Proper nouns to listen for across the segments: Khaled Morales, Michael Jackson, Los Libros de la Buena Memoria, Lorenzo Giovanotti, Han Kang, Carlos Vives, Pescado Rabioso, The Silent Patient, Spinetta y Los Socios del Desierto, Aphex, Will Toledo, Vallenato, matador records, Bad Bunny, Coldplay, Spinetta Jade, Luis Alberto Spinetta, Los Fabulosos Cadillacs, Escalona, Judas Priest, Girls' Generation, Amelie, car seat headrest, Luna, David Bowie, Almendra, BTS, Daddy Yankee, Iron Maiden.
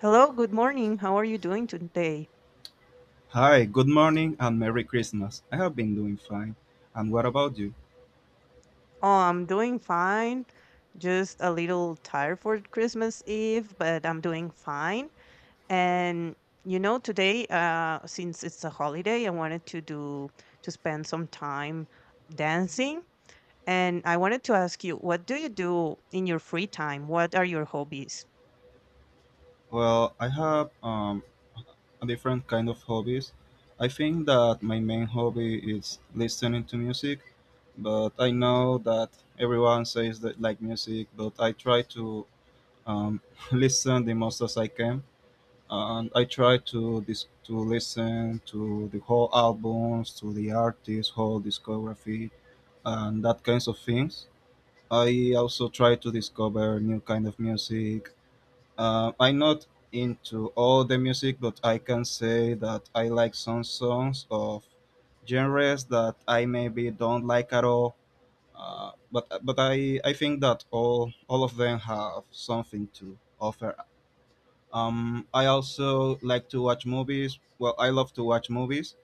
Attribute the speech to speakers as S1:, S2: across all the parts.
S1: Hello, good morning. How are you doing today?
S2: Hi, good morning and Merry Christmas. I have been doing fine. And what about you?
S1: Oh, I'm doing fine. Just a little tired for Christmas Eve, but I'm doing fine. And today, since it's a holiday, I wanted to do to spend some time dancing. And I wanted to ask you, what do you do in your free time? What are your hobbies?
S2: Well, I have a different kind of hobbies. I think that my main hobby is listening to music, but I know that everyone says that like music, but I try to um, listen the most as I can. And I try to to listen to the whole albums, to the artist, whole discography, and that kinds of things. I also try to discover new kind of music. I'm not into all the music, but I can say that I like some songs of genres that I maybe don't like at all. But I think that all of them have something to offer. I also like to watch movies. Well, I love to watch movies.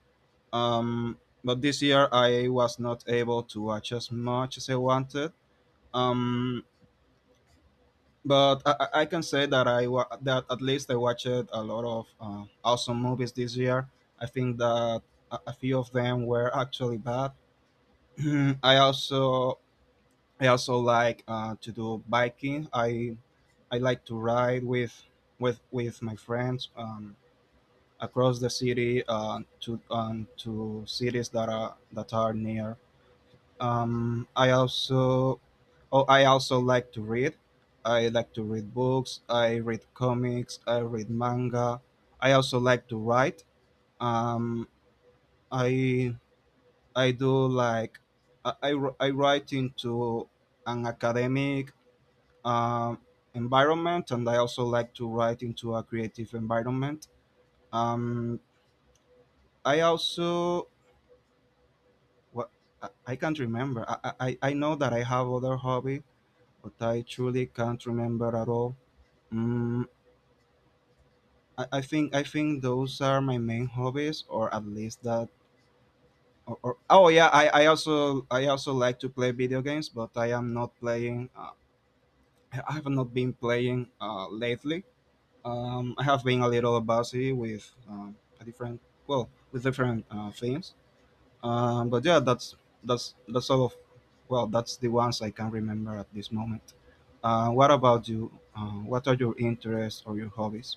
S2: But this year I was not able to watch as much as I wanted. Um, but I can say that that at least I watched a lot of awesome movies this year. I think that a few of them were actually bad. I also I also like to do biking. I like to ride with my friends across the city, to cities that are near. Um, I also oh I also like to read. I like to read books. I read comics. I read manga. I also like to write. Um, I I do like I, wr- I write into an academic um, environment, and I also like to write into a creative environment. Um, I also what I can't remember. I know that I have other hobby. But I truly can't remember at all. Mm, I think those are my main hobbies, or at least that. Or oh yeah, I also like to play video games, but I am not playing. I have not been playing lately. I have been a little busy with a different well with different things. But yeah, that's all of well, that's the ones I can remember at this moment. What about you? What are your interests or your hobbies?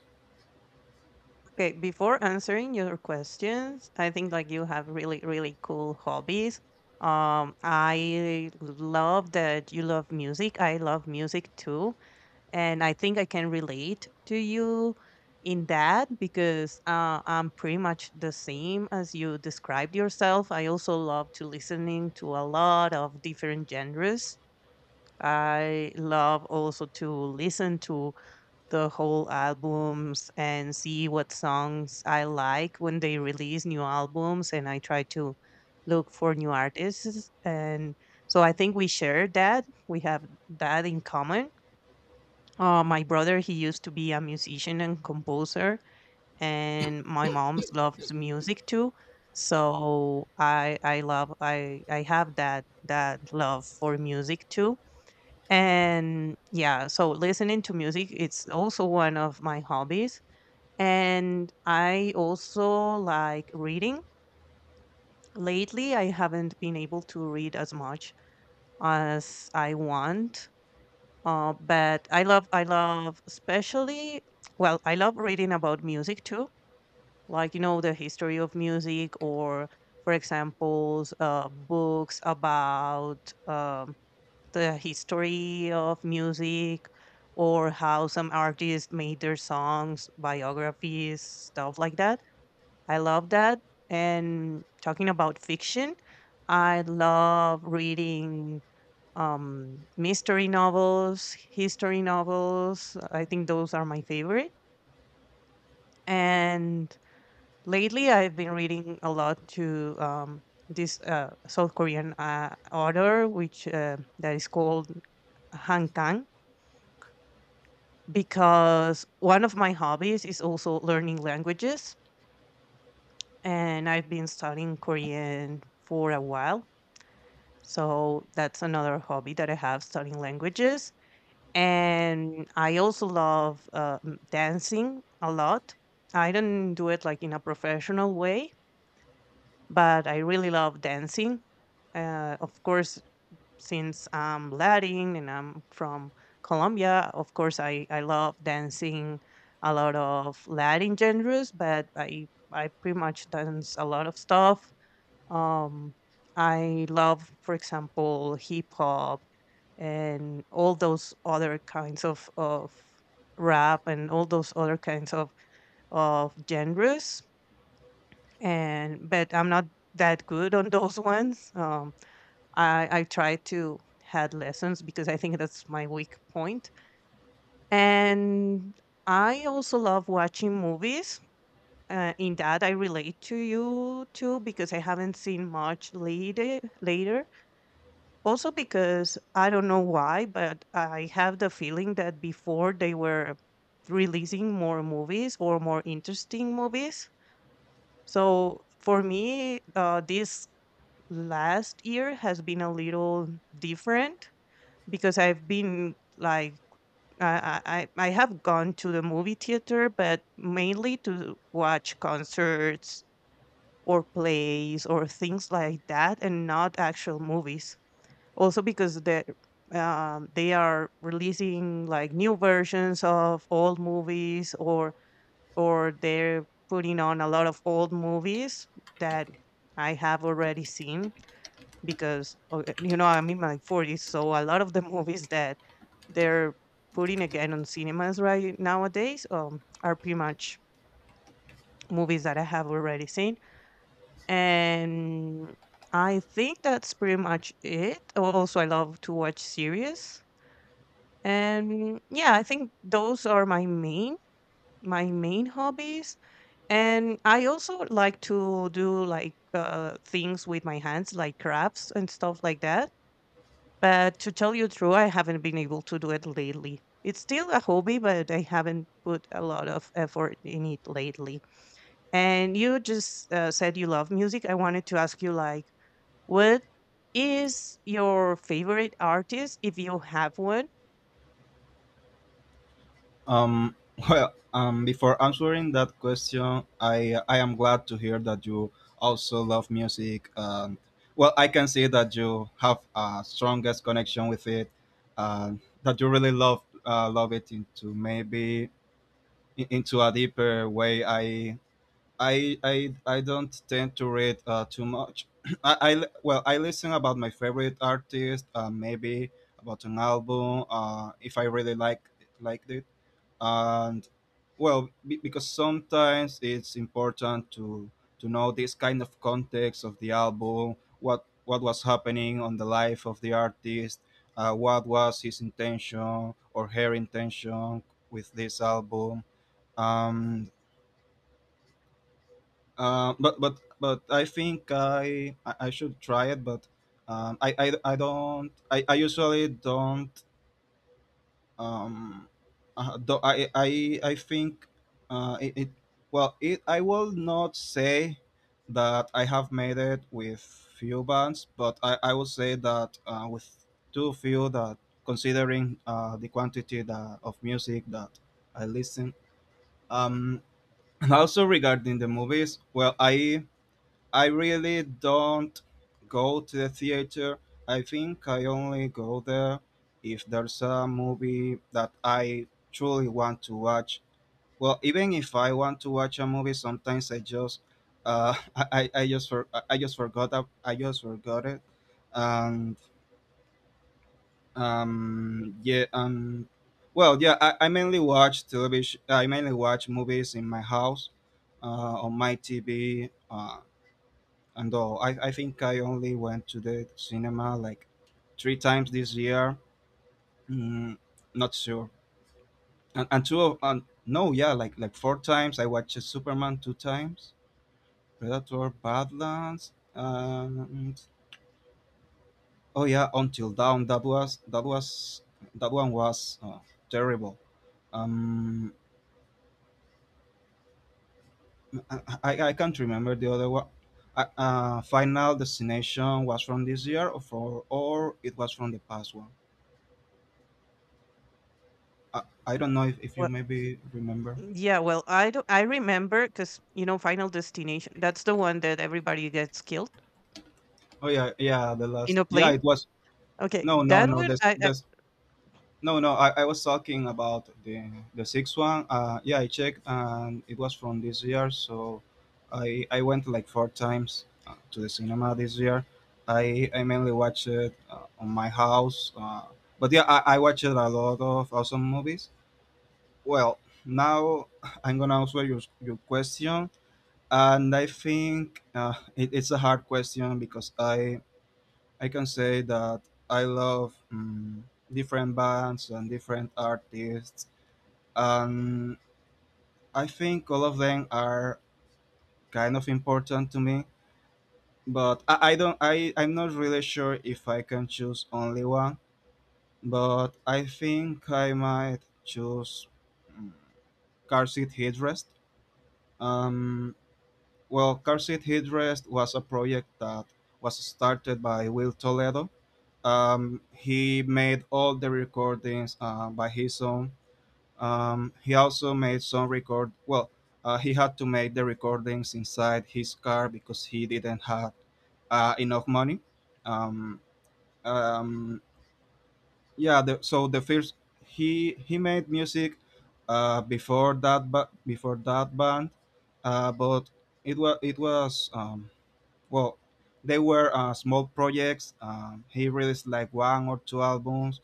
S1: Okay, before answering your questions, I think like you have really, really cool hobbies. I love that you love music. I love music too, and I think I can relate to you in that because I'm pretty much the same as you described yourself. I also love to listening to a lot of different genres. I love also to listen to the whole albums and see what songs I like when they release new albums and I try to look for new artists and so I think we share that. We have that in common. My brother, he used to be a musician and composer, and my mom loves music too. So I love I have that love for music too and yeah, so listening to music, it's also one of my hobbies. And I also like reading. Lately, I haven't been able to read as much as I want. But I love especially, well, I love reading about music too, like, the history of music or, for example, books about um, the history of music or how some artists made their songs, biographies, stuff like that. I love that. And talking about fiction, I love reading mystery novels, history novels. I think those are my favorite. And lately, I've been reading a lot to this South Korean author, which that is called Han Kang because one of my hobbies is also learning languages and I've been studying Korean for a while. So that's another hobby that I have studying languages. And I also love dancing a lot. I don't do it like in a professional way, but I really love dancing. Of course, since I'm Latin and I'm from Colombia, of course, I love dancing a lot of Latin genres, but I pretty much dance a lot of stuff. Um, I love, for example, hip hop and all those other kinds of rap and all those other kinds of genres. And but I'm not that good on those ones. I try to had lessons because I think that's my weak point. And I also love watching movies. In that, I relate to you too because I haven't seen much later. Later, also because I don't know why, but I have the feeling that before they were releasing more movies or more interesting movies. So for me, this last year has been a little different because I've been like I have gone to the movie theater, but mainly to watch concerts or plays or things like that, and not actual movies. Also because they are releasing like new versions of old movies, or they're putting on a lot of old movies that I have already seen because you know I'm in my 40s, so a lot of the movies that they're putting again on cinemas right nowadays are pretty much movies that I have already seen, and I think that's pretty much it. Also, I love to watch series, and yeah, I think those are my main hobbies. And I also like to do like things with my hands, like crafts and stuff like that. But to tell you true, I haven't been able to do it lately. It's still a hobby, but I haven't put a lot of effort in it lately. And you just said you love music. I wanted to ask you, like, what is your favorite artist if you have one?
S2: Um, well, before answering that question, I am glad to hear that you also love music. And well, I can see that you have a strongest connection with it, uh, that you really love it into maybe into a deeper way. I don't tend to read too much. I li- well I listen about my favorite artist, maybe about an album, if I really liked it, and because sometimes it's important to know this kind of context of the album, what was happening on the life of the artist, what was his intention or her intention with this album. Um, but I think I should try it. But I don't I usually don't um do, I think it, it well it I will not say that I have made it with few bands, but I will say that, with too few that, considering the quantity that of music that I listen. um and also regarding the movies, well, I really don't go to the theater. I think I only go there if there's a movie that I truly want to watch. Well, even if I want to watch a movie, sometimes I just forgot it, and yeah, well, yeah, I mainly watch television. I mainly watch movies in my house, uh, on my TV. And all. I think I only went to the cinema like three times this year. Mm, Not sure. And no, yeah, like four times. I watched Superman two times, Predator, Badlands, and oh yeah, Until Dawn. That one was terrible. Um, I can't remember the other one. Final Destination was from this year, or it was from the past one. I don't know if you
S1: Well,
S2: maybe remember.
S1: yeah, well, I don't. I remember because you know, Final Destination. That's the one that everybody gets killed
S2: Oh yeah, yeah, the
S1: in
S2: last.
S1: a
S2: Yeah,
S1: plane.
S2: it was.
S1: Okay,
S2: No, no,
S1: that
S2: no.
S1: one,
S2: There's
S1: I
S2: there's no, no. I was talking about the sixth one. Yeah, I checked and it was from this year. So, I went like four times to the cinema this year. I mainly watched it on my house. But yeah, I watched a lot of awesome movies. Well, now I'm gonna answer your question. And I think it's a hard question because I can say that I love different bands and different artists, and I think all of them are kind of important to me. But I don't I I'm not really sure if I can choose only one, but I think I might choose, mm, Car Seat Headrest. um Well, Car Seat Headrest was a project that was started by Will Toledo. He made all the recordings by his own. He also made some record. Well, he had to make the recordings inside his car because he didn't have enough money. Um, um, yeah, the, so the first he made music before that, but before that band, but it was well they were small projects. He released like one or two albums,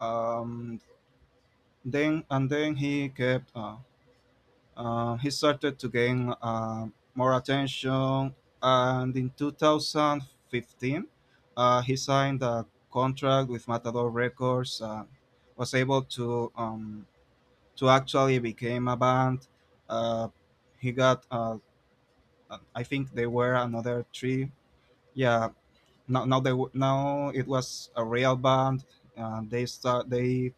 S2: um, then he kept he started to gain more attention, and in 2015 he signed a contract with Matador Records and was able to actually became a band. uh, he got I think they were another three. Yeah, now it was a real band, and they start they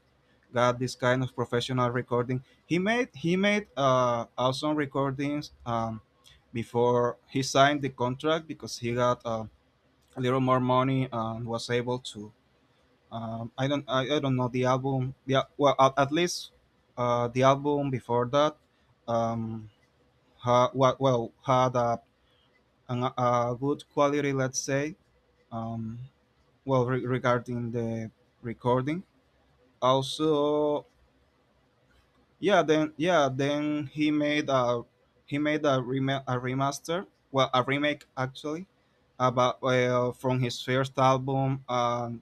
S2: got this kind of professional recording. He made awesome recordings before he signed the contract, because he got a little more money and was able to— I don't I don't know the album yeah well, at least the album before that um ha, wa- well had a good quality, let's say, um regarding the recording also. Then he made a remaster, well, a remake actually, about from his first album. And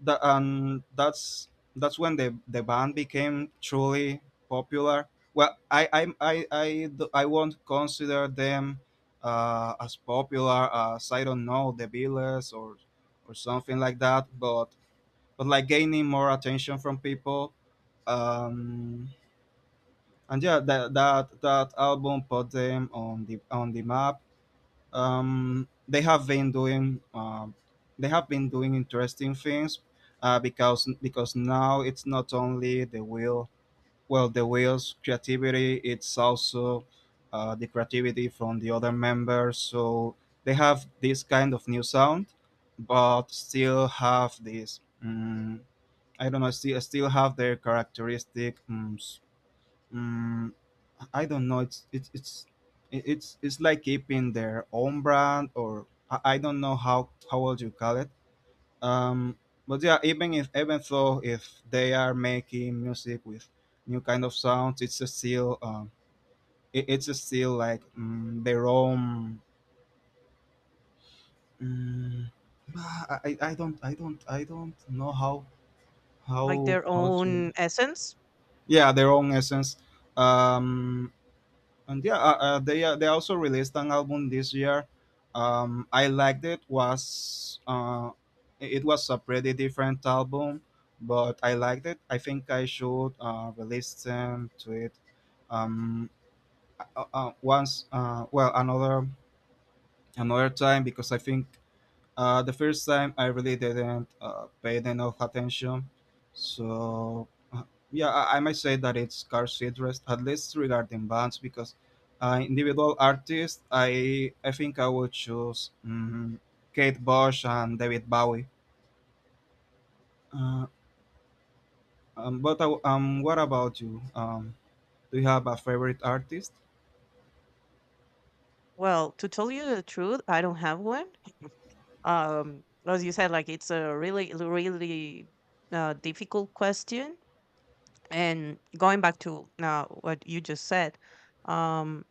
S2: that and that's that's when the band became truly popular. Well, I won't consider them as popular as, I don't know, the Beatles, or something like that, but like gaining more attention from people. Um, and yeah, that album put them on the map. Um, they have been doing um, they have been doing interesting things because now it's not only the Will's creativity, it's also the creativity from the other members, so they have this kind of new sound, but still have this— I don't know, still have their characteristic. Um, I don't know. It's it- it's like keeping their own brand, or I don't know how would you call it. Um, but yeah, even though if they are making music with new kind of sounds, it's a still, it's a still like, their own. Um, I don't know how
S1: like
S2: how
S1: their
S2: how to—
S1: own essence.
S2: Yeah, their own essence. um and yeah, they also released an album this year. I liked it. Was It was a pretty different album, but I liked it. I think I should release them to it um once, another time because I think the first time I really didn't pay enough attention. So, uh, yeah, I might say that it's scarce interest, at least regarding bands, because individual artists, I think I would choose Kate Bush and David Bowie. Uh, but I w What about you? Do you have a favorite artist?
S1: Well, to tell you the truth, I don't have one. Um, as you said, like it's a really, really difficult question and going back to now what you just said, um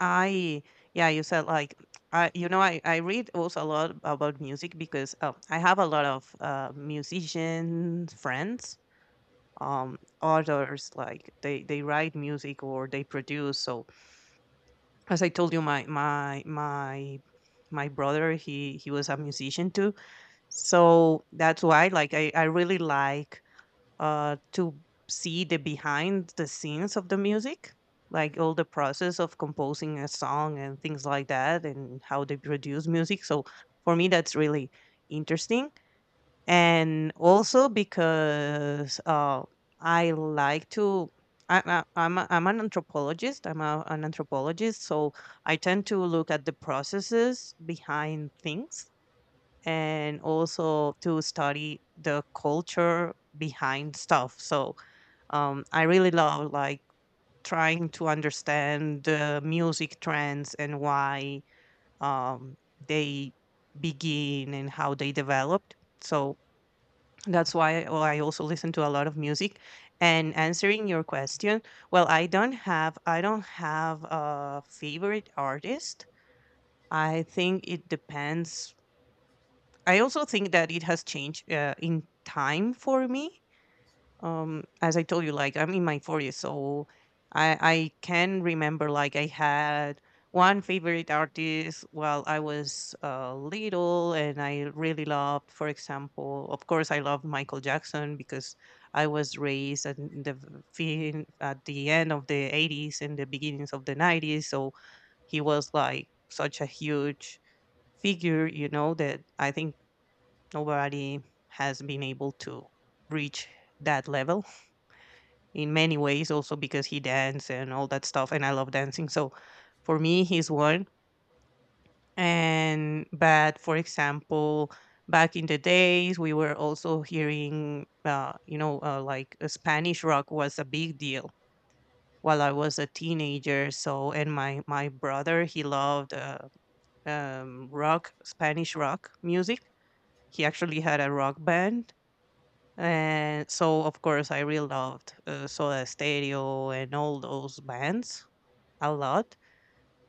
S1: I yeah, you said like I you know I read also a lot about music because oh, I have a lot of musician friends, others like they write music or they produce. So as I told you, my brother, he was a musician too. So that's why, like, I really like to see the behind the scenes of the music, like all the process of composing a song and things like that, and how they produce music. So for me, that's really interesting. And also because I like to, I'm an anthropologist, an anthropologist, so I tend to look at the processes behind things and also to study the culture behind stuff. So I really love like trying to understand the music trends and why um, they begin and how they developed. So that's why, well, I also listen to a lot of music. And answering your question, well, I don't have a favorite artist. I think it depends. I also think that it has changed in time for me. As I told you, like I'm in my 40s, so I can remember like I had one favorite artist while I was little, and I really loved, for example, of course, I loved Michael Jackson because I was raised at the at the end of the 80s and the beginnings of the 90s, so he was like such a huge figure, you know, that I think nobody has been able to reach that level in many ways, also because he danced and all that stuff. And I love dancing. So for me, he's one. And, but for example, back in the days, we were also hearing, like Spanish rock was a big deal while I was a teenager. So, and my brother, he loved rock, Spanish rock music. He actually had a rock band. And so, of course, I really loved Soda Stereo and all those bands a lot.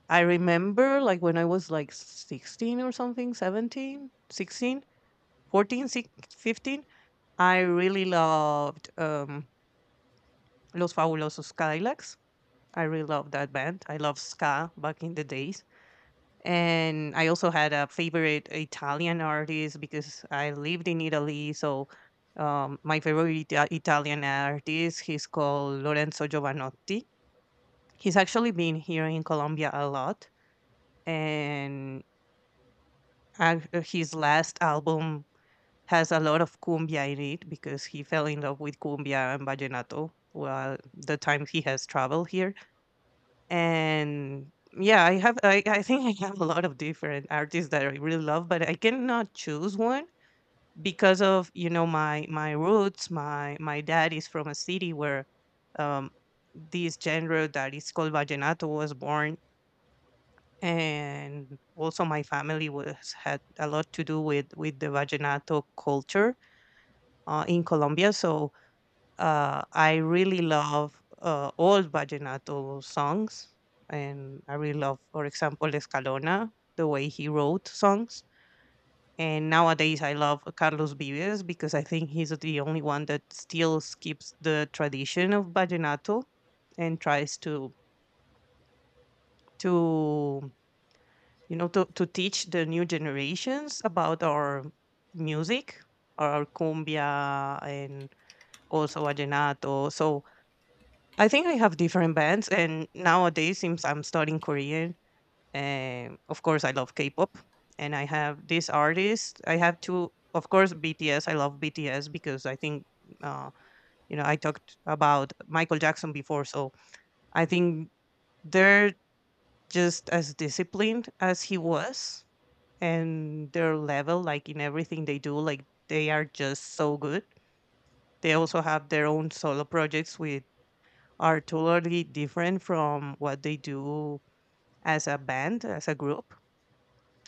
S1: I remember like when I was like 16 or something, 17, 16, 14, 6, 15. I really loved Los Fabulosos Cadillacs. I really loved that band. I loved ska back in the days. And I also had a favorite Italian artist because I lived in Italy. So my favorite Italian artist, he's called Lorenzo Giovanotti. He's actually been here in Colombia a lot. And his last album has a lot of cumbia in it because he fell in love with cumbia and vallenato while the time he has traveled here and yeah I think I have a lot of different artists that I really love but I cannot choose one because of you know my roots, my dad is from a city where um this genre that is called vallenato was born and also my family was had a lot to do with the vallenato culture in Colombia. So I really love old vallenato songs, and I really love, for example, Escalona, the way he wrote songs. And nowadays, I love Carlos Vives because I think he's the only one that still keeps the tradition of vallenato and tries to you know to teach the new generations about our music, our cumbia, and also vallenato. So I think I have different bands, and nowadays, since I'm studying Korean, of course, I love K-pop, and I have this artist. I have two, of course, BTS. I love BTS because I think, uh, I talked about Michael Jackson before, so I think they're just as disciplined as he was, and their level, like in everything they do, like they are just so good. They also have their own solo projects with are totally different from what they do as a band, as a group.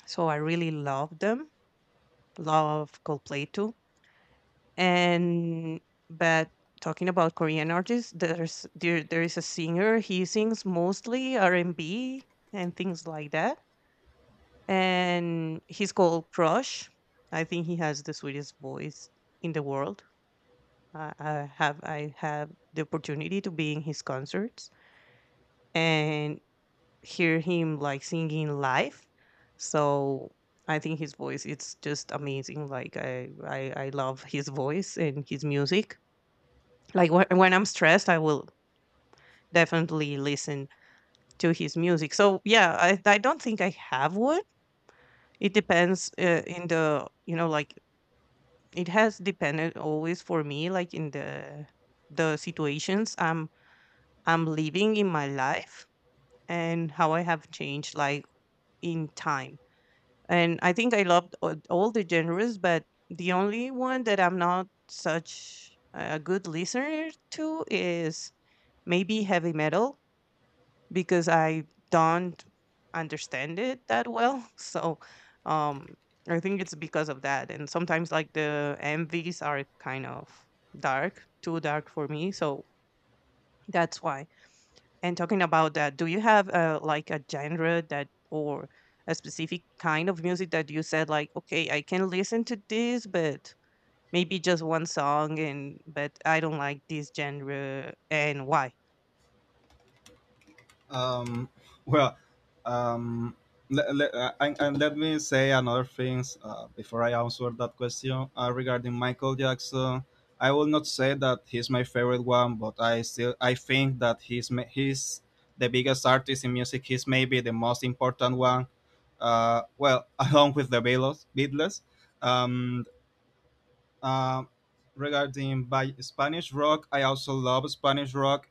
S1: So I really love them, love Coldplay too. And but talking about Korean artists, there there is a singer. He sings mostly R&B and things like that. And he's called Crush. I think he has the sweetest voice in the world. I have the opportunity to be in his concerts, and hear him like singing live. So I think his voice it's just amazing. Like I love his voice and his music. Like when I'm stressed, I will definitely listen to his music. So yeah, I don't think I have one. It depends in the like it has depended always for me like in the situations I'm living in my life, and how I have changed like in time. And I think I loved all the genres, but the only one that I'm not such a good listener to is maybe heavy metal because I don't understand it that well. So um, I think it's because of that. And sometimes like the MVs are kind of dark, too dark for me. So that's why. And talking about that, do you have a like a genre that, or a specific kind of music that you said like, okay, I can listen to this, but maybe just one song, and but I don't like this genre, and why?
S2: Um, well, um, le- le- and let me say another things before I answer that question regarding Michael Jackson. I will not say that he's my favorite one, but I still I think that he's the biggest artist in music. He's maybe the most important one. Well, along with the Beatles. Beatles. Um, uh, Regarding by Spanish rock, I also love Spanish rock,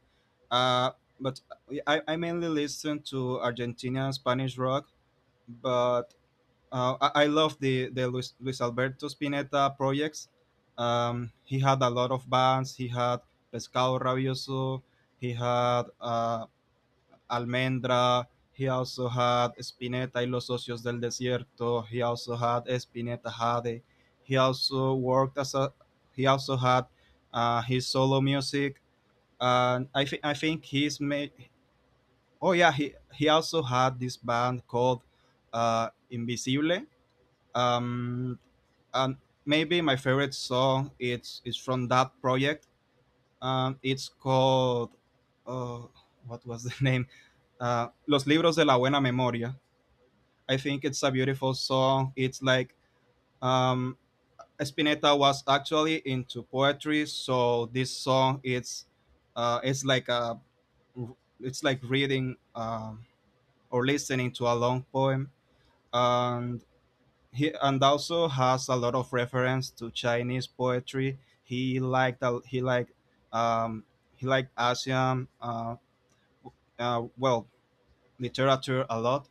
S2: uh, but I mainly listen to Argentina Spanish rock. But I love the Luis Alberto Spinetta projects. He had a lot of bands. He had Pescado Rabioso. He had Almendra. He also had Spinetta y Los Socios del Desierto. He also had Spinetta Jade. He also worked as a. He also had his solo music. And I think he's made. Oh yeah, he also had this band called Invisible. Um, and maybe my favorite song it's is from that project. It's called. Uh, what was the name? Los Libros de la Buena Memoria. I think it's a beautiful song. It's like um, Spinetta was actually into poetry, so this song it's like a it's like reading, or listening to, a long poem, and he and also has a lot of reference to Chinese poetry. Um, he liked Asian uh, well literature a lot.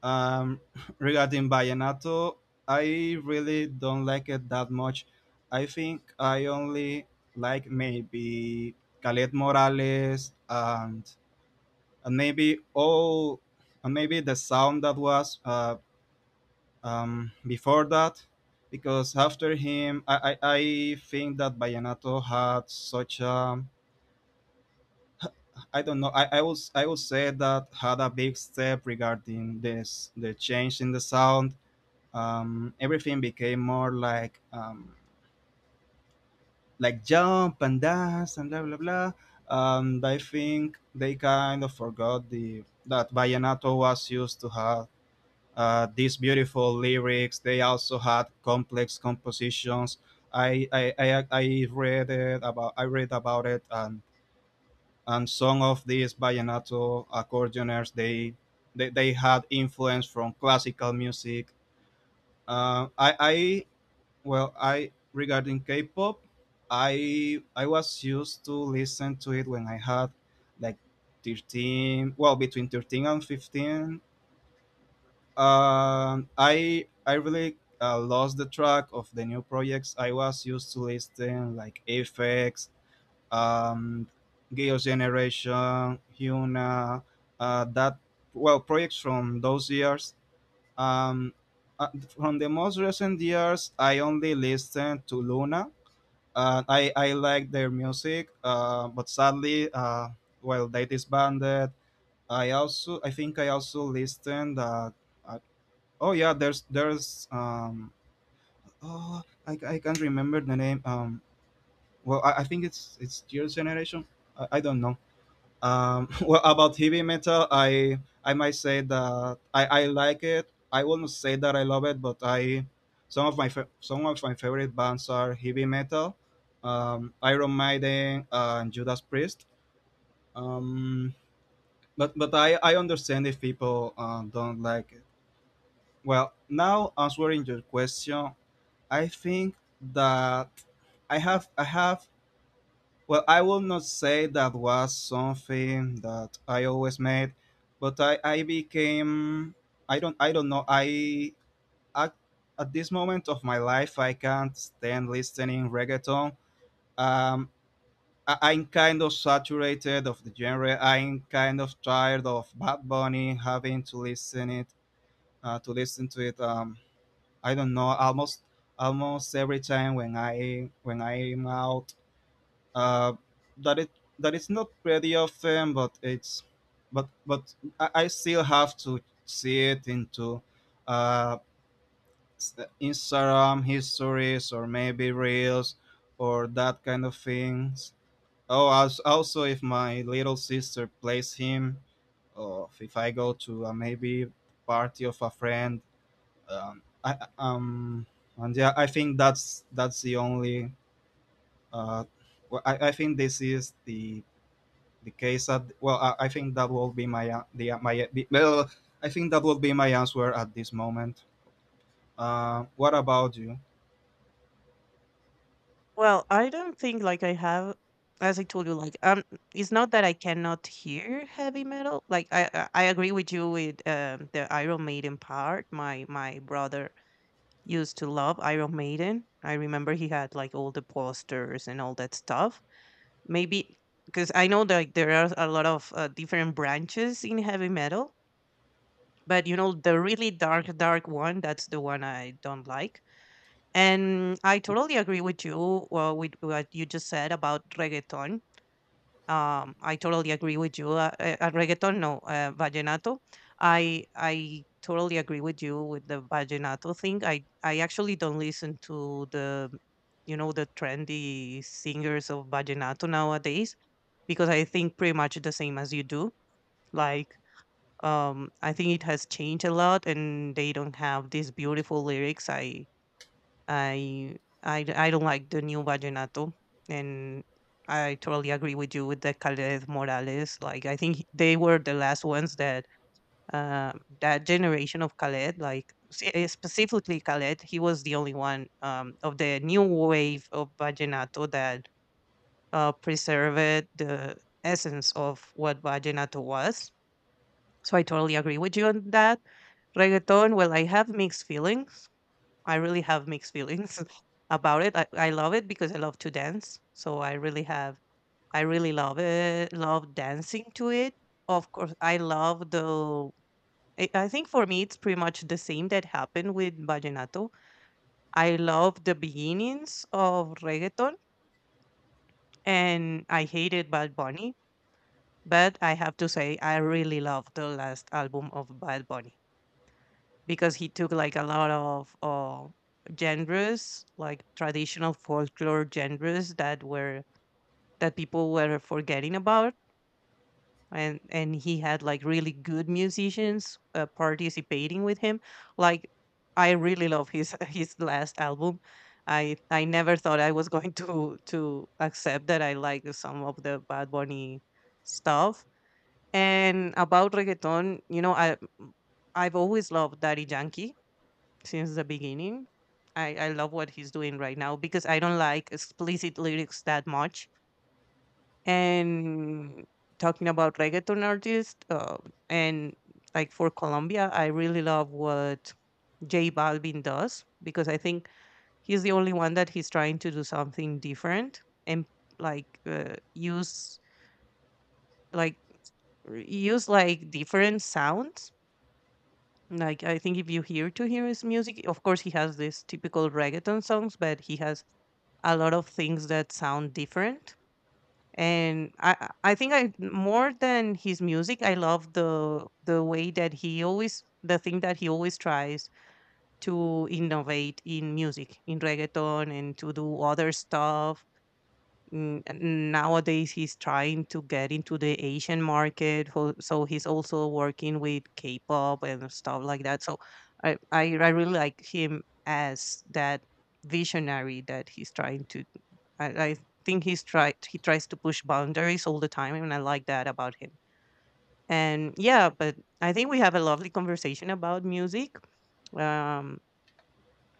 S2: Um, Regarding Vallenato, I really don't like it that much. I think I only like maybe Khaled Morales, and maybe the sound that was before that, because after him I think that Vallenato had such a, I don't know, I would say that had a big step regarding this the change in the sound. Everything became more like, like jump and dance and blah blah blah. And I think they kind of forgot the that vallenato was used to have these beautiful lyrics. They also had complex compositions. I read about it, and some of these vallenato accordioners they had influence from classical music. I, Well, I Regarding K-pop, I was used to listen to it when I had like 13, well, between 13 and 15. I really lost the track of the new projects. I was used to listening like Aphex, um, Girls' Generation, Huna, that well projects from those years. Um, uh, from the most recent years, I only listened to Luna and I like their music. But sadly, while they disbanded. I also listened. Uh, oh yeah, there's oh, I can't remember the name. Well, I think it's your generation. I don't know. Well, about heavy metal, I might say that I like it. I wouldn't say that I love it, but I some of my fa- some of my favorite bands are heavy metal, Iron Maiden and Judas Priest. Um, but I understand if people don't like it. Well, now answering your question, I think that I have, well, I will not say that was something that I always made, but I became, I don't, I don't know, I, at, at this moment of my life I can't stand listening reggaeton. Um, I'm kind of saturated of the genre. I'm kind of tired of Bad Bunny having to listen it to listen to it. I don't know, almost every time when I'm out, uh, that it that it's not pretty often, but it's but I still have to see it into uh, s- Instagram histories or maybe reels or that kind of things. Oh, also if my little sister plays him, or if I go to a, maybe, party of a friend. Um, I um and yeah, I think that's the only, uh, well, I think this is the case, that, well, I think that will be my, the my the, well I think that will be my answer at this moment. What about you?
S1: Well, I don't think like I have, as I told you, like it's not that I cannot hear heavy metal. Like I agree with you with the Iron Maiden part. My brother used to love Iron Maiden. I remember he had like all the posters and all that stuff. Maybe because I know that, like, there are a lot of different branches in heavy metal, but you know, the really dark one. That's the one I don't like, and I totally agree with you with what you just said about reggaeton. I totally agree with you. Reggaeton, no, vallenato. I totally agree with you with the vallenato thing. I actually don't listen to the the trendy singers of vallenato nowadays because I think pretty much the same as you do. Like I think it has changed a lot, and they don't have these beautiful lyrics. I I don't like the new vallenato, and I totally agree with you with the Caled Morales. Like I think they were the last ones that uh, that generation of Caled, like specifically Caled, he was the only one of the new wave of vallenato that preserved the essence of what vallenato was. So I totally agree with you on that. Reggaeton, well, I have mixed feelings, I really have mixed feelings about it. I love it because I love to dance. So I really have, I really love it, love dancing to it. Of course, I love the, I think for me, it's pretty much the same that happened with Vallenato. I love the beginnings of reggaeton, and I hated Bad Bunny, but I have to say, I really love the last album of Bad Bunny, because he took like a lot of genres, like traditional folklore genres that were, that people were forgetting about, and he had like really good musicians participating with him. Like I really love his his last album. I never thought I was going to accept that I like some of the Bad Bunny stuff. And about reggaeton, you know, I I've always loved Daddy Yankee since the beginning. I love what he's doing right now because I don't like explicit lyrics that much. And talking about reggaeton artists, and like for Colombia, I really love what J Balvin does because I think he's the only one that he's trying to do something different, and like use like use like different sounds. Like I think if you hear to hear his music, of course he has these typical reggaeton songs, but he has a lot of things that sound different. And I think i, more than his music, I love the way that he always, the thing that he always tries to innovate in music, in reggaeton, and to do other stuff. Mm, and nowadays he's trying to get into the asian market, so he's also working with k-pop and stuff like that. So I really like him as that visionary that he's trying to, I think he's tried he tries to push boundaries all the time, and I like that about him. And yeah, but I think we have a lovely conversation about music. Um,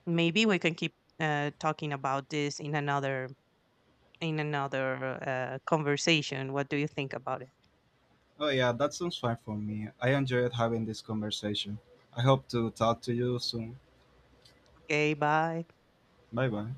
S1: maybe we can keep talking about this in another, in another conversation. What do you think about it?
S2: Oh yeah, that sounds fine for me. I enjoyed having this conversation. I hope to talk to you soon.
S1: Okay, bye.
S2: Bye bye.